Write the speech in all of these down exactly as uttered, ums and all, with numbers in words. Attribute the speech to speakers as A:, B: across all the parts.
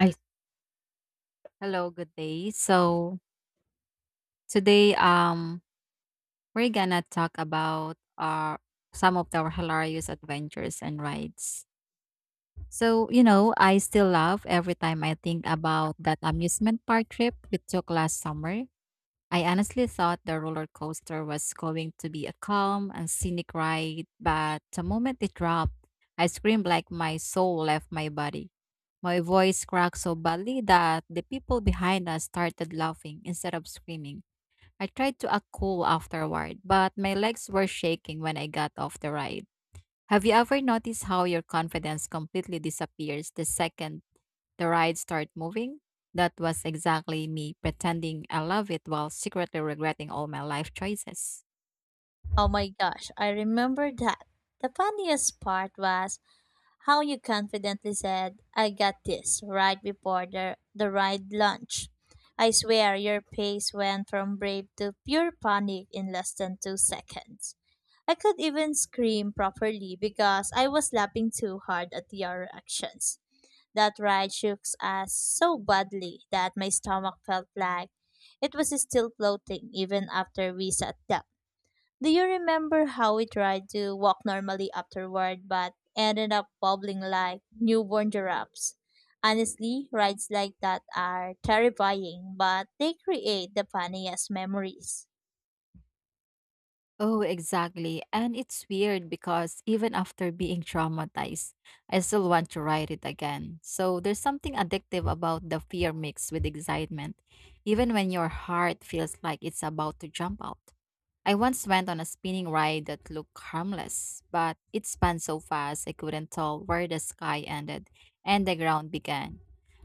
A: I Hello, good day. So today, um, we're gonna talk about our some of our hilarious adventures and rides. So you know, I still laugh every time I think about that amusement park trip we took last summer. I honestly thought the roller coaster was going to be a calm and scenic ride, but the moment it dropped, I screamed like my soul left my body. My voice cracked so badly that the people behind us started laughing instead of screaming. I tried to act cool afterward, but my legs were shaking when I got off the ride. Have you ever noticed how your confidence completely disappears the second the ride started moving? That was exactly me pretending I love it while secretly regretting all my life choices.
B: Oh my gosh, I remember that. The funniest part was how you confidently said, I got this, right before the, the ride lunch. I swear your face went from brave to pure panic in less than two seconds. I could even scream properly because I was laughing too hard at your reactions. That ride shook us so badly that my stomach felt like it was still floating even after we sat down. Do you remember how we tried to walk normally afterward but ended up wobbling like newborn giraffes? Honestly, rides like that are terrifying, but they create the funniest memories.
A: Oh, exactly. And it's weird because even after being traumatized, I still want to ride it again. So there's something addictive about the fear mixed with excitement, even when your heart feels like it's about to jump out. I once went on a spinning ride that looked harmless, but it spun so fast I couldn't tell where the sky ended and the ground began.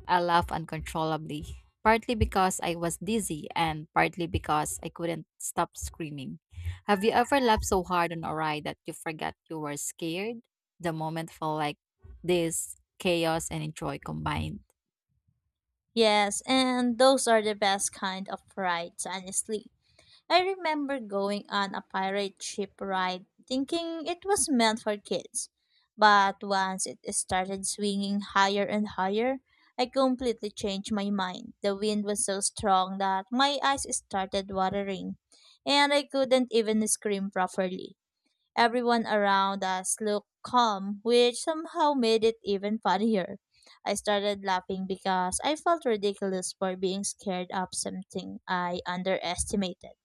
A: I laughed uncontrollably, partly because I was dizzy and partly because I couldn't stop screaming. Have you ever laughed so hard on a ride that you forgot you were scared? The moment felt like this chaos and joy combined.
B: Yes, and those are the best kind of rides, honestly. I remember going on a pirate ship ride thinking it was meant for kids. But once it started swinging higher and higher, I completely changed my mind. The wind was so strong that my eyes started watering, and I couldn't even scream properly. Everyone around us looked calm, which somehow made it even funnier. I started laughing because I felt ridiculous for being scared of something I underestimated.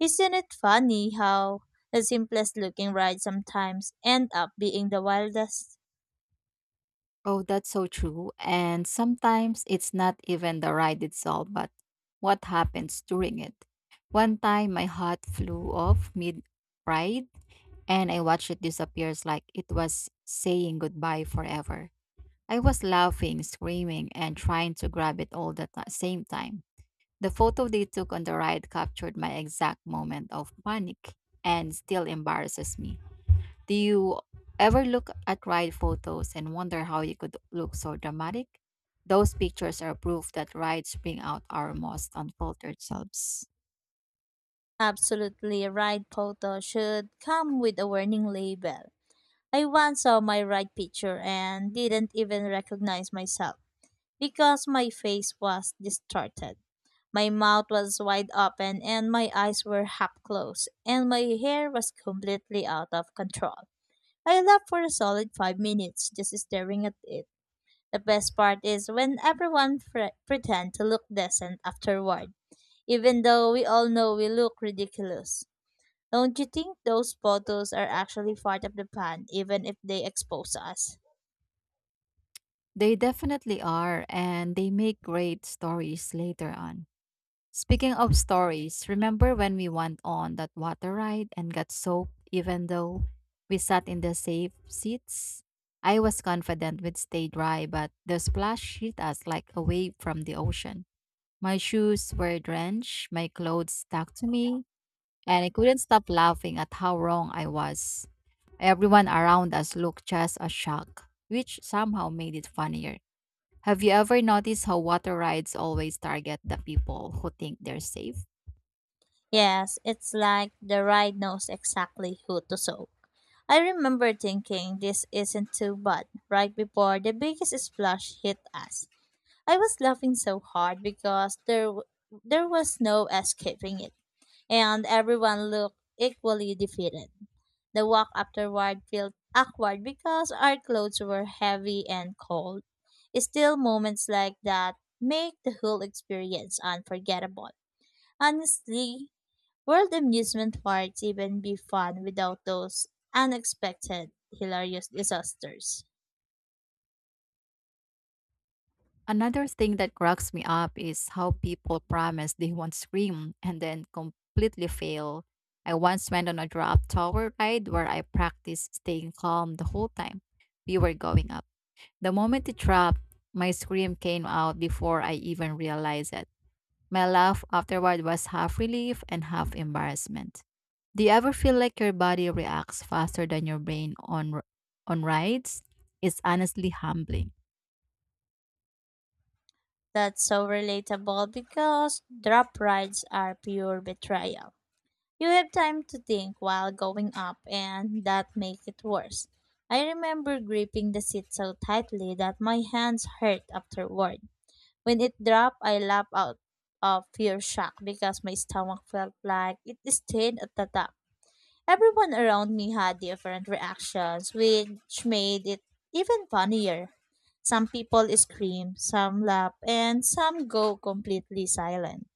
B: Isn't it funny how the simplest looking ride sometimes end up being the wildest?
A: Oh, that's so true. And sometimes it's not even the ride itself, but what happens during it. One time my hat flew off mid ride and I watched it disappears like it was saying goodbye forever. I was laughing, screaming, and trying to grab it all the ti- same time. The photo they took on the ride captured my exact moment of panic and still embarrasses me. Do you ever look at ride photos and wonder how you could look so dramatic? Those pictures are proof that rides bring out our most unfiltered selves.
B: Absolutely ride photo should come with a warning label. I once saw my ride picture and didn't even recognize myself because my face was distorted. My mouth was wide open and my eyes were half closed and my hair was completely out of control. I laughed for a solid five minutes just staring at it. The best part is when everyone pre- pretend to look decent afterward, even though we all know we look ridiculous. Don't you think those photos are actually part of the plan, even if they expose us?
A: They definitely are, and they make great stories later on. Speaking of stories, remember when we went on that water ride and got soaked even though we sat in the safe seats? I was confident we'd stay dry, but the splash hit us like a wave from the ocean. My shoes were drenched, my clothes stuck to me, and I couldn't stop laughing at how wrong I was. Everyone around us looked just as shocked, which somehow made it funnier. Have you ever noticed how water rides always target the people who think they're safe?
B: Yes, it's like the ride knows exactly who to soak. I remember thinking this isn't too bad right before the biggest splash hit us. I was laughing so hard because there w- there was no escaping it, and everyone looked equally defeated. The walk afterward felt awkward because our clothes were heavy and cold. Still, moments like that make the whole experience unforgettable. Honestly, World amusement parks even be fun without those unexpected, hilarious disasters.
A: Another thing that cracks me up is how people promise they won't scream and then completely fail. I once went on a drop tower ride where I practiced staying calm the whole time we were going up. The moment it dropped, my scream came out before I even realized it. My laugh afterward was half relief and half embarrassment. Do you ever feel like your body reacts faster than your brain on r- on rides? It's honestly humbling.
B: That's so relatable because drop rides are pure betrayal. You have time to think while going up, and that makes it worse. I remember gripping the seat so tightly that my hands hurt afterward. When it dropped, I laughed out of pure shock because my stomach felt like it stayed at the top. Everyone around me had different reactions, which made it even funnier. Some people scream, some laugh, and some go completely silent.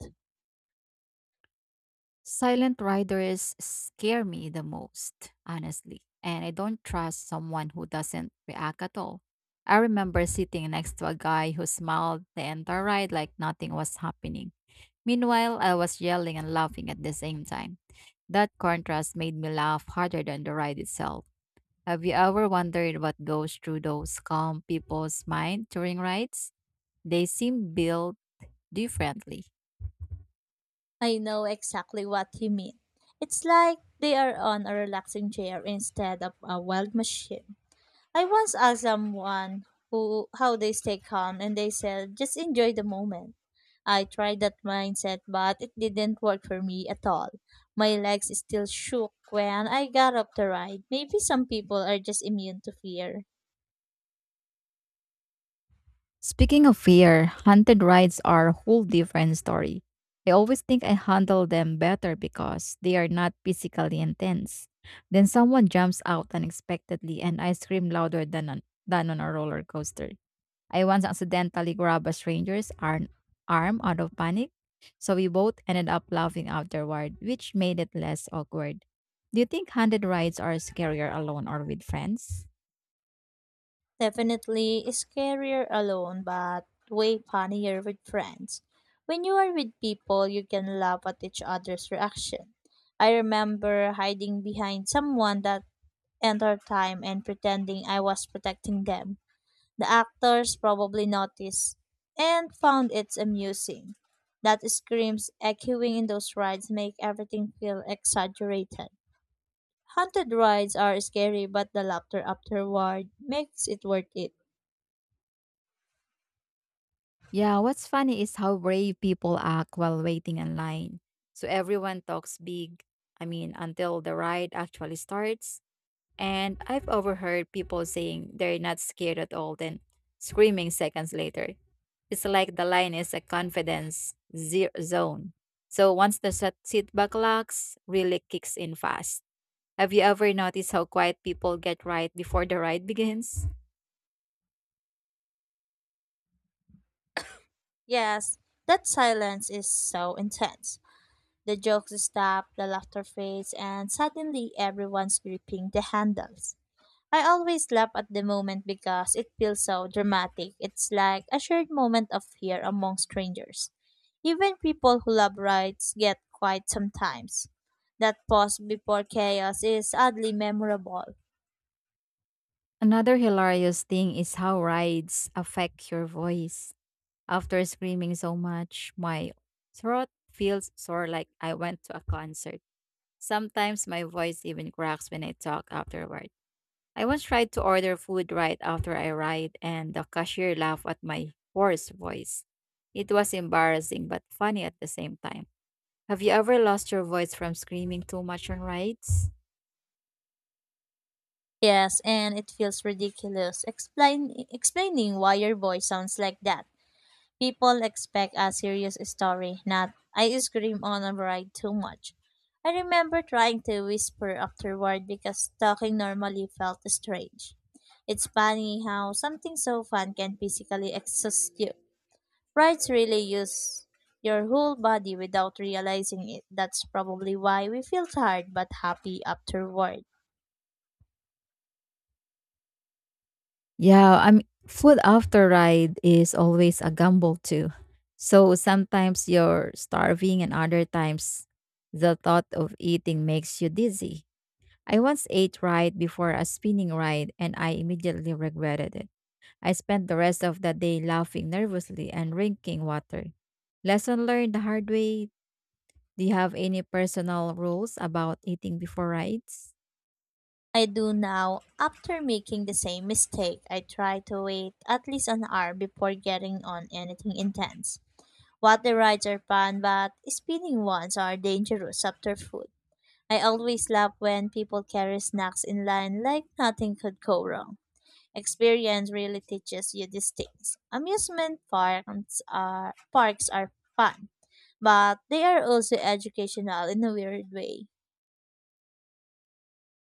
A: Silent riders scare me the most, honestly, and I don't trust someone who doesn't react at all. I remember sitting next to a guy who smiled the entire ride like nothing was happening. Meanwhile, I was yelling and laughing at the same time. That contrast made me laugh harder than the ride itself. Have you ever wondered what goes through those calm people's mind during rides? They seem built differently.
B: I know exactly what you mean. It's like they are on a relaxing chair instead of a wild machine. I once asked someone who how they stay calm and they said just enjoy the moment. I tried that mindset but it didn't work for me at all. My legs still shook when I got up the ride. Maybe some people are just immune to fear.
A: Speaking of fear, haunted rides are a whole different story. I always think I handle them better because they are not physically intense. Then someone jumps out unexpectedly and I scream louder than on, than on a roller coaster. I once accidentally grabbed a stranger's arm, arm out of panic, so we both ended up laughing afterward, which made it less awkward. Do you think handed rides are scarier alone or with friends?
B: Definitely scarier alone but way funnier with friends. When you are with people you can laugh at each other's reaction. I remember hiding behind someone that entire time and pretending I was protecting them. The actors probably noticed and found it amusing. That screams echoing in those rides make everything feel exaggerated. Haunted rides are scary, but the laughter afterward makes it worth it.
A: Yeah, what's funny is how brave people act while waiting in line. So everyone talks big, I mean, until the ride actually starts. And I've overheard people saying they're not scared at all, then screaming seconds later. It's like the line is a confidence zero zone. So once the set- setback locks really kicks in fast. Have you ever noticed how quiet people get right before the ride begins?
B: Yes, that silence is so intense. The jokes stop, the laughter fades, and suddenly everyone's gripping the handles. I always laugh at the moment because it feels so dramatic. It's like a shared moment of fear among strangers. Even people who love rides get quiet sometimes. That pause before chaos is oddly memorable.
A: Another hilarious thing is how rides affect your voice. After screaming so much, my throat feels sore like I went to a concert. Sometimes my voice even cracks when I talk afterward. I once tried to order food right after I arrived, and the cashier laughed at my hoarse voice. It was embarrassing but funny at the same time. Have you ever lost your voice from screaming too much on rides?
B: Yes, and it feels ridiculous explain, explaining why your voice sounds like that. People expect a serious story, not I scream on a ride too much. I remember trying to whisper afterward because talking normally felt strange. It's funny how something so fun can physically exhaust you. Rides really use your whole body without realizing it. That's probably why we feel tired but happy afterward.
A: Yeah, I mean, food after ride is always a gamble too. So sometimes you're starving, and other times the thought of eating makes you dizzy. I once ate right before a spinning ride and I immediately regretted it. I spent the rest of that day laughing nervously and drinking water. Lesson learned the hard way. Do you have any personal rules about eating before rides?
B: I do now after making the same mistake. I try to wait at least an hour before getting on anything intense. Water rides are fun, but spinning ones are dangerous after food. I always laugh when people carry snacks in line like nothing could go wrong. Experience really teaches you these things. Amusement parks are parks are fun, but they are also educational in a weird way.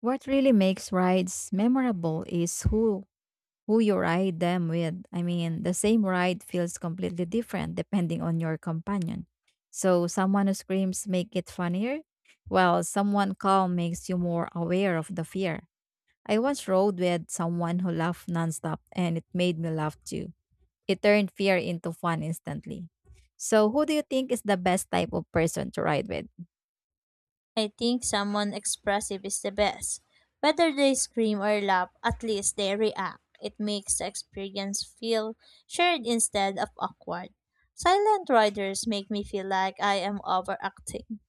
A: What really makes rides memorable is who who you ride them with. I mean, the same ride feels completely different depending on your companion. So, someone who screams make it funnier, while someone calm makes you more aware of the fear. I once rode with someone who laughed nonstop and it made me laugh too. It turned fear into fun instantly. So, who do you think is the best type of person to ride with?
B: I think someone expressive is the best. Whether they scream or laugh, at least they react. It makes the experience feel shared instead of awkward. Silent riders make me feel like I am overacting.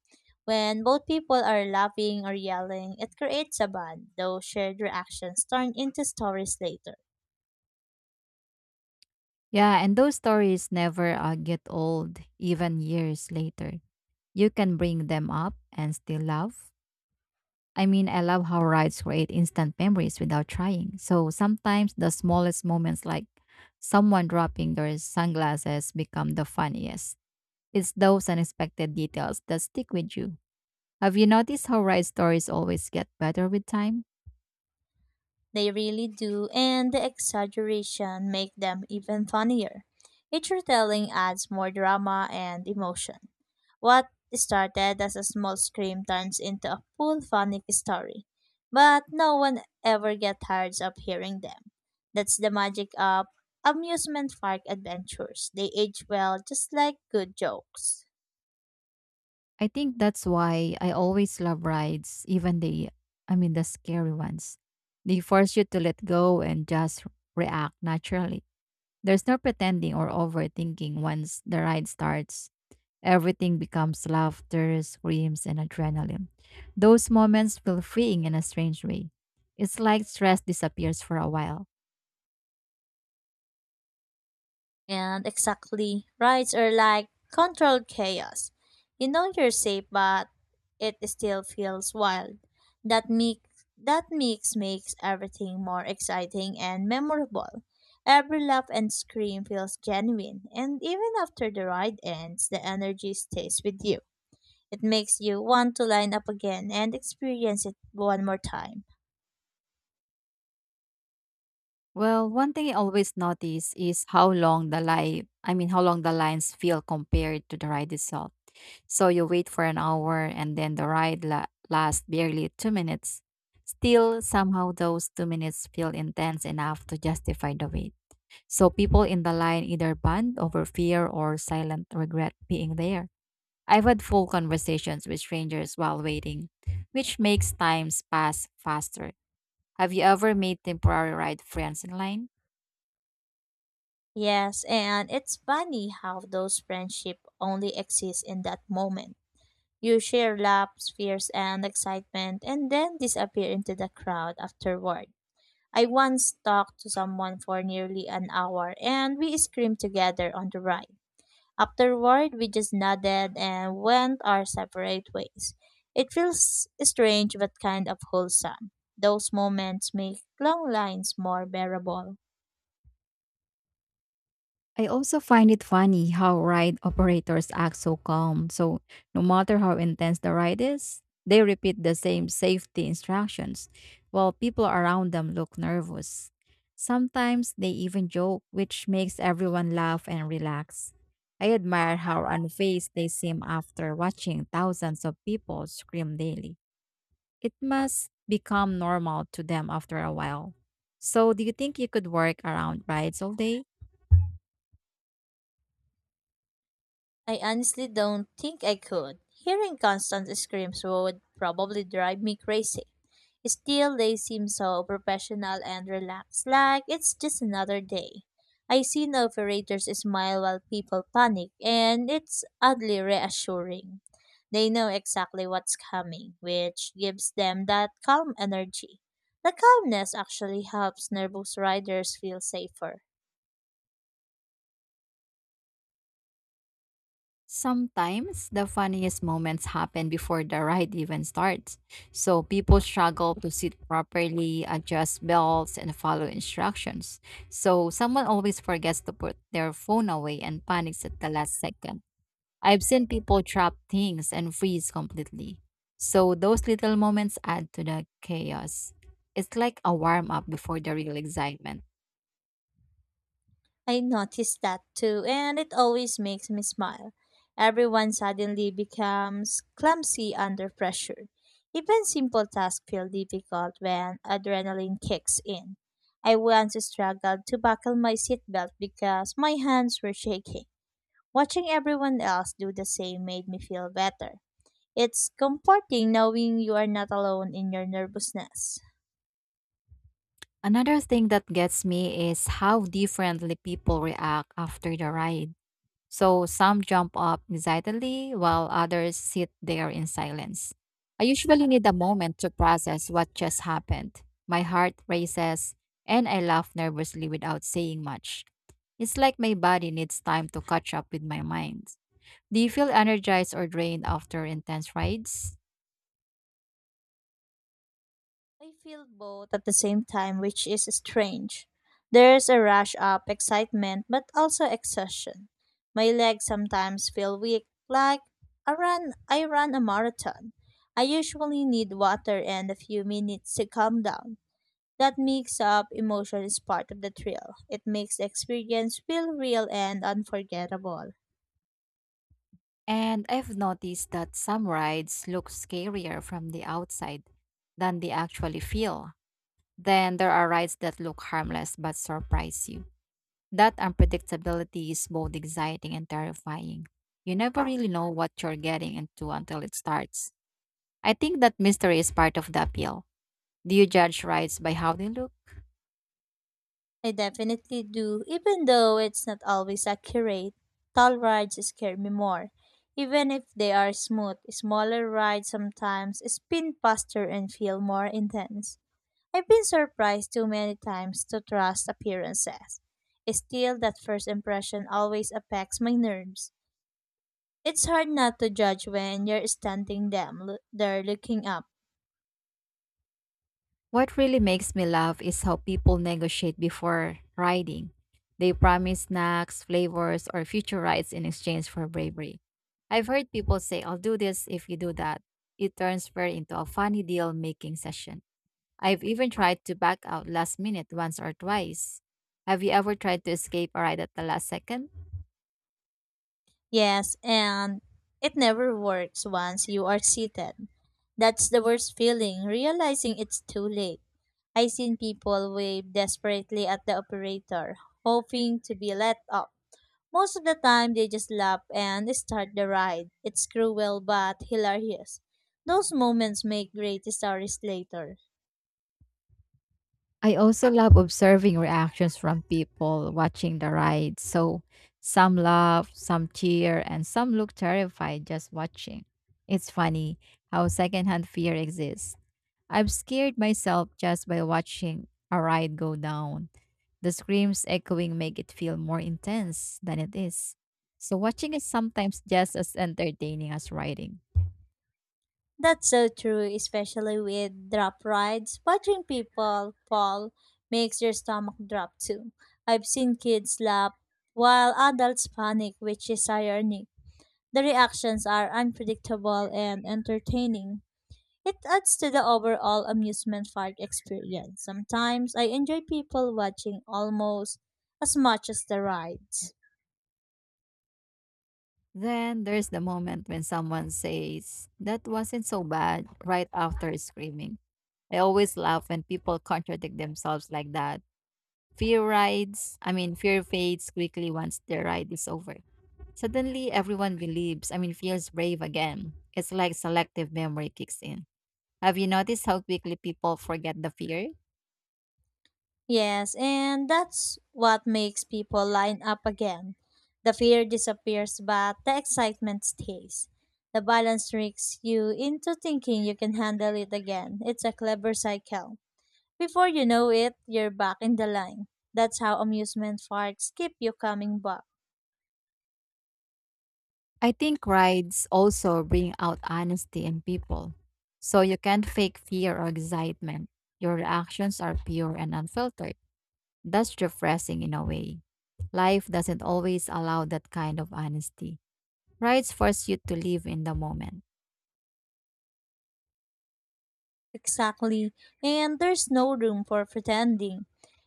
B: When both people are laughing or yelling, it creates a bond, though shared reactions turn into stories later.
A: Yeah, and those stories never uh, get old, even years later. You can bring them up and still laugh. I mean, I love how rides create instant memories without trying. So sometimes the smallest moments, like someone dropping their sunglasses, become the funniest. It's those unexpected details that stick with you. Have you noticed how ride stories always get better with time?
B: They really do, and the exaggeration make them even funnier. Each retelling adds more drama and emotion. What started as a small scream turns into a full funny story, but no one ever gets tired of hearing them. That's the magic of amusement park adventures. They age well, just like good jokes.
A: I think that's why I always love rides, even the, I mean, the scary ones. They force you to let go and just react naturally. There's no pretending or overthinking once the ride starts. Everything becomes laughter, screams, and adrenaline. Those moments feel freeing in a strange way. It's like stress disappears for a while.
B: And exactly, rides are like controlled chaos. You know you're safe, but it still feels wild. That mix that mix makes everything more exciting and memorable. Every laugh and scream feels genuine, and even after the ride ends, the energy stays with you. It makes you want to line up again and experience it one more time.
A: Well, one thing I always notice is how long the line, I mean, how long the lines feel compared to the ride itself. So you wait for an hour and then the ride la- lasts barely two minutes. Still, somehow those two minutes feel intense enough to justify the wait. So people in the line either bond over fear or silent regret being there. I've had full conversations with strangers while waiting, which makes times pass faster. Have you ever made temporary ride friends in line?
B: Yes, and it's funny how those friendships only exist in that moment. You share laughs, fears, and excitement, and then disappear into the crowd afterward. I once talked to someone for nearly an hour, and we screamed together on the ride. Afterward, we just nodded and went our separate ways. It feels strange but kind of wholesome. Those moments make long lines more bearable.
A: I also find it funny how ride operators act so calm. So, no matter how intense the ride is, they repeat the same safety instructions while people around them look nervous. Sometimes they even joke, which makes everyone laugh and relax. I admire how unfazed they seem after watching thousands of people scream daily. It must become normal to them after a while. So, do you think you could work around rides all day?
B: I honestly don't think I could. Hearing constant screams would probably drive me crazy. Still, they seem so professional and relaxed, like it's just another day. I see no operators smile while people panic, and it's oddly reassuring. They know exactly what's coming, which gives them that calm energy. The calmness actually helps nervous riders feel safer.
A: Sometimes the funniest moments happen before the ride even starts. So people struggle to sit properly, adjust belts, and follow instructions. So someone always forgets to put their phone away and panics at the last second. I've seen people drop things and freeze completely. So those little moments add to the chaos. It's like a warm up before the real excitement.
B: I noticed that too, and it always makes me smile. Everyone suddenly becomes clumsy under pressure. Even simple tasks feel difficult when adrenaline kicks in. I once struggled to buckle my seatbelt because my hands were shaking. Watching everyone else do the same made me feel better. It's comforting knowing you are not alone in your nervousness.
A: Another thing that gets me is how differently people react after the ride. So some jump up excitedly while others sit there in silence. I usually need a moment to process what just happened. My heart races and I laugh nervously without saying much. It's like my body needs time to catch up with my mind. Do you feel energized or drained after intense rides?
B: I feel both at the same time, which is strange. There's a rush of excitement, but also exhaustion. My legs sometimes feel weak, like I run, I run a marathon. I usually need water and a few minutes to calm down. That mix of emotion is part of the thrill. It makes the experience feel real and unforgettable.
A: And I've noticed that some rides look scarier from the outside than they actually feel. Then there are rides that look harmless but surprise you. That unpredictability is both exciting and terrifying. You never really know what you're getting into until it starts. I think that mystery is part of the appeal. Do you judge rides by how they look?
B: I definitely do, even though it's not always accurate. Tall rides scare me more. Even if they are smooth, smaller rides sometimes spin faster and feel more intense. I've been surprised too many times to trust appearances. Still, that first impression always affects my nerves. It's hard not to judge when you're standing them, lo- there looking up.
A: What really makes me laugh is how people negotiate before riding. They promise snacks, flavors, or future rides in exchange for bravery. I've heard people say, I'll do this if you do that. It turns fair into a funny deal making session. I've even tried to back out last minute once or twice. Have you ever tried to escape a ride at the last second?
B: Yes, and it never works once you are seated. That's the worst feeling, realizing it's too late. I seen people wave desperately at the operator, hoping to be let up. Most of the time, they just laugh and start the ride. It's cruel but hilarious. Those moments make great stories later.
A: I also love observing reactions from people watching the ride. So some laugh, some cheer, and some look terrified just watching. It's funny how secondhand fear exists. I've scared myself just by watching a ride go down. The screams echoing make it feel more intense than it is. So watching is sometimes just as entertaining as riding.
B: That's so true, especially with drop rides. Watching people fall makes your stomach drop too. I've seen kids laugh while adults panic, which is ironic. The reactions are unpredictable and entertaining. It adds to the overall amusement park experience. Sometimes I enjoy people watching almost as much as the rides.
A: Then there's the moment when someone says, "That wasn't so bad," right after screaming. I always laugh when people contradict themselves like that. Fear rides, I mean, fear fades quickly once the ride is over. Suddenly, everyone believes, I mean, feels brave again. It's like selective memory kicks in. Have you noticed how quickly people forget the fear?
B: Yes, and that's what makes people line up again. The fear disappears, but the excitement stays. The balance tricks you into thinking you can handle it again. It's a clever cycle. Before you know it, you're back in the line. That's how amusement parks keep you coming back.
A: I think rides also bring out honesty in people. So you can't fake fear or excitement. Your reactions are pure and unfiltered. That's refreshing in a way. Life doesn't always allow that kind of honesty. Rides force you to live in the moment.
B: Exactly. And there's no room for pretending.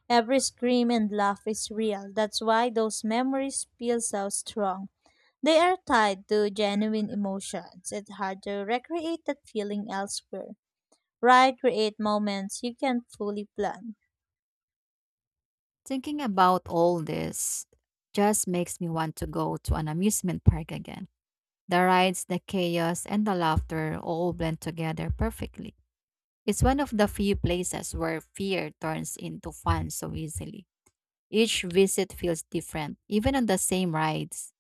B: Every scream and laugh is real. That's why those memories feel so strong. They are tied to genuine emotions. It's hard to recreate that feeling elsewhere. Ride create moments you can't fully plan.
A: Thinking about all this just makes me want to go to an amusement park again. The rides, the chaos, and the laughter all blend together perfectly. It's one of the few places where fear turns into fun so easily. Each visit feels different, even on the same rides.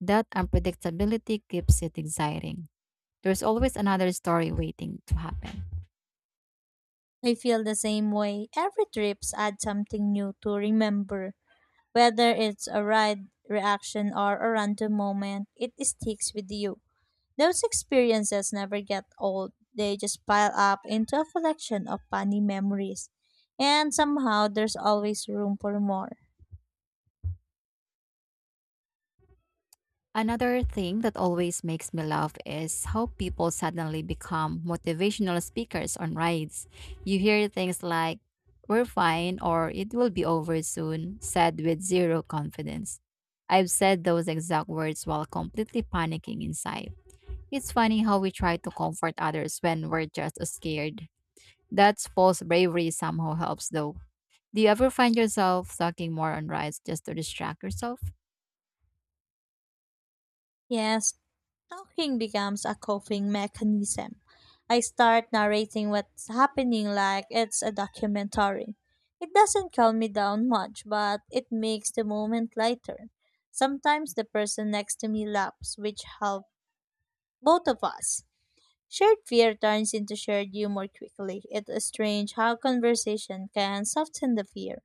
A: That unpredictability keeps it exciting. There's always another story waiting to happen.
B: I feel the same way. Every trips add something new to remember. Whether it's a ride reaction or a random moment, it sticks with you. Those experiences never get old. They just pile up into a collection of funny memories. And somehow there's always room for more.
A: Another thing that always makes me laugh is how people suddenly become motivational speakers on rides. You hear things like, "We're fine," or "It will be over soon," said with zero confidence. I've said those exact words while completely panicking inside. It's funny how we try to comfort others when we're just as scared. That's false bravery somehow helps though. Do you ever find yourself talking more on rides just to distract yourself?
B: Yes, talking becomes a coping mechanism. I start narrating what's happening like it's a documentary. It doesn't calm me down much, but it makes the moment lighter. Sometimes the person next to me laughs, which helps both of us. Shared fear turns into shared humor quickly. It is strange how conversation can soften the fear.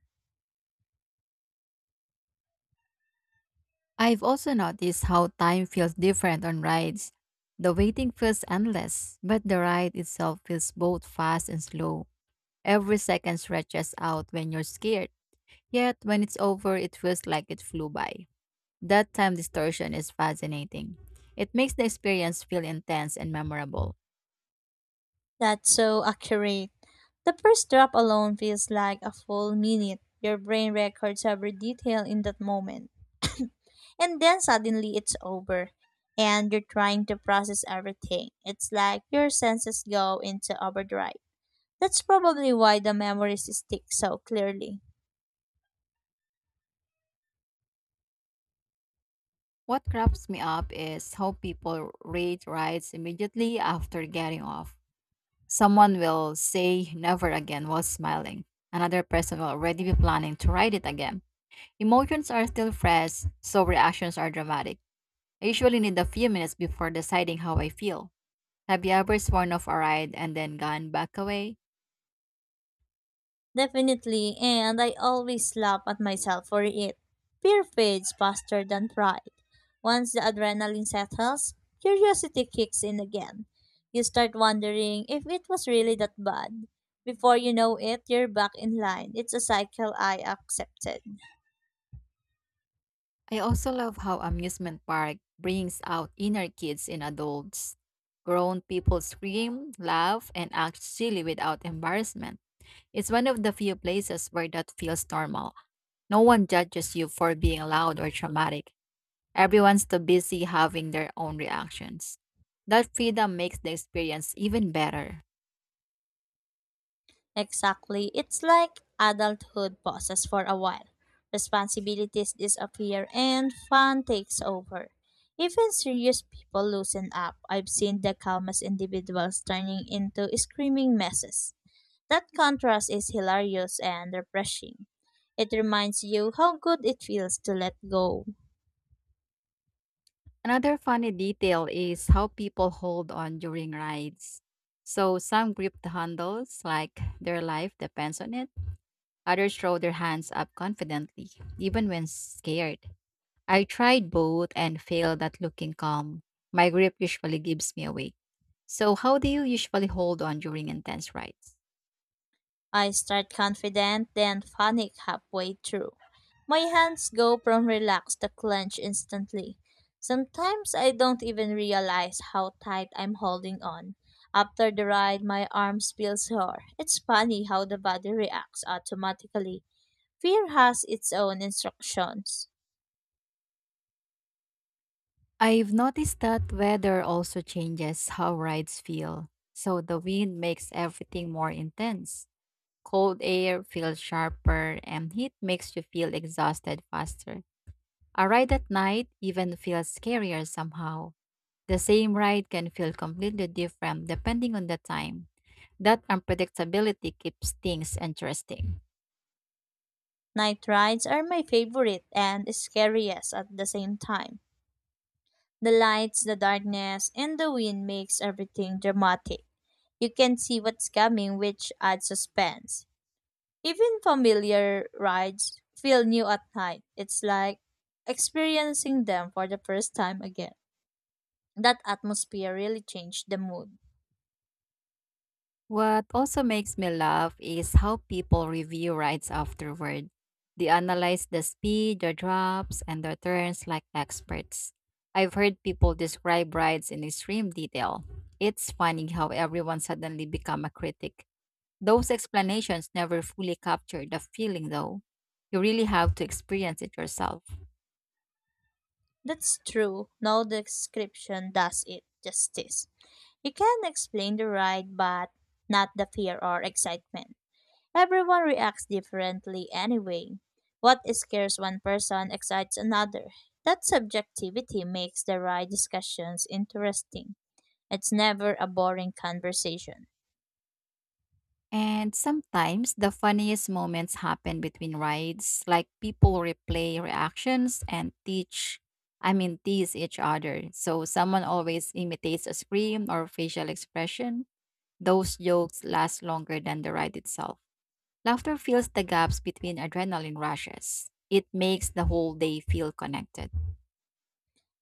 A: I've also noticed how time feels different on rides. The waiting feels endless, but the ride itself feels both fast and slow. Every second stretches out when you're scared, yet when it's over, it feels like it flew by. That time distortion is fascinating. It makes the experience feel intense and memorable.
B: That's so accurate. The first drop alone feels like a full minute. Your brain records every detail in that moment. And then suddenly it's over. And you're trying to process everything. It's like your senses go into overdrive. That's probably why the memories stick so clearly.
A: What cracks me up is how people rate rides immediately after getting off. Someone will say never again while smiling. Another person will already be planning to write it again. Emotions are still fresh, so reactions are dramatic. I usually need a few minutes before deciding how I feel. Have you ever sworn off a ride and then gone back away?
B: Definitely, and I always laugh at myself for it. Fear fades faster than pride. Once the adrenaline settles, curiosity kicks in again. You start wondering if it was really that bad. Before you know it, you're back in line. It's a cycle I accepted.
A: I also love how amusement park brings out inner kids in adults. Grown people scream, laugh, and act silly without embarrassment. It's one of the few places where that feels normal. No one judges you for being loud or traumatic. Everyone's too busy having their own reactions. That freedom makes the experience even better.
B: Exactly. It's like adulthood pauses for a while. Responsibilities disappear and fun takes over. Even serious people loosen up. I've seen the calmest individuals turning into screaming messes. That contrast is hilarious and refreshing. It reminds you how good it feels to let go.
A: Another funny detail is how people hold on during rides. So some grip the handles like their life depends on it. Others throw their hands up confidently, even when scared. I tried both and failed at looking calm. My grip usually gives me away. So how do you usually hold on during intense rides?
B: I start confident, then panic halfway through. My hands go from relaxed to clench instantly. Sometimes I don't even realize how tight I'm holding on. After the ride, my arms feel sore. It's funny how the body reacts automatically. Fear has its own instructions.
A: I've noticed that weather also changes how rides feel. So the wind makes everything more intense. Cold air feels sharper, and heat makes you feel exhausted faster. A ride at night even feels scarier somehow. The same ride can feel completely different depending on the time. That unpredictability keeps things interesting.
B: Night rides are my favorite and scariest at the same time. The lights, the darkness, and the wind makes everything dramatic. You can see what's coming, which adds suspense. Even familiar rides feel new at night. It's like experiencing them for the first time again. That atmosphere really changed the mood.
A: What also makes me laugh is how people review rides afterward. They analyze the speed, the drops, and the turns like experts. I've heard people describe rides in extreme detail. It's funny how everyone suddenly become a critic. Those explanations never fully capture the feeling though. You really have to experience it yourself.
B: That's true. No description does it justice. You can explain the ride, but not the fear or excitement. Everyone reacts differently anyway. What scares one person excites another. That subjectivity makes the ride discussions interesting. It's never a boring conversation.
A: And sometimes the funniest moments happen between rides, like people replay reactions and teach, I mean, tease each other. So someone always imitates a scream or facial expression. Those jokes last longer than the ride itself. Laughter fills the gaps between adrenaline rushes. It makes the whole day feel connected.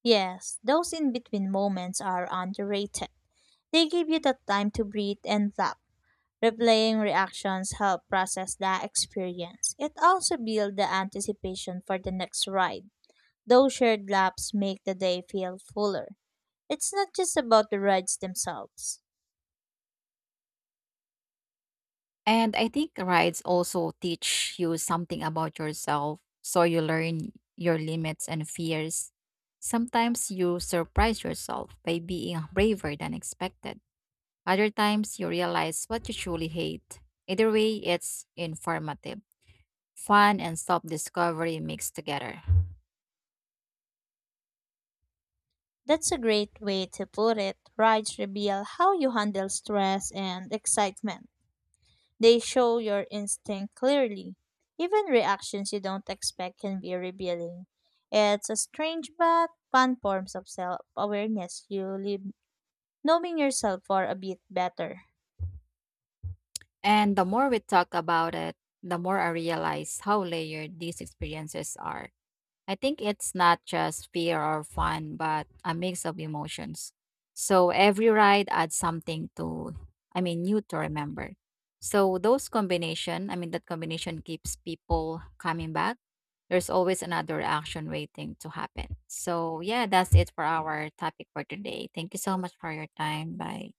B: Yes, those in between moments are underrated. They give you the time to breathe and laugh. Replaying reactions help process the experience. It also builds the anticipation for the next ride. Those shared laps make the day feel fuller. It's not just about the rides themselves.
A: And I think rides also teach you something about yourself. So you learn your limits and fears. Sometimes you surprise yourself by being braver than expected. Other times you realize what you truly hate. Either way, it's informative. Fun and self discovery mixed together.
B: That's a great way to put it. Rides reveal how you handle stress and excitement. They show your instinct clearly. Even reactions you don't expect can be revealing. It's a strange but fun form of self awareness you live, knowing yourself for a bit better.
A: And the more we talk about it, the more I realize how layered these experiences are. I think it's not just fear or fun, but a mix of emotions. So every ride adds something to, I mean, new to remember. So those combination, I mean, that combination keeps people coming back. There's always another action waiting to happen. So yeah, that's it for our topic for today. Thank you so much for your time. Bye.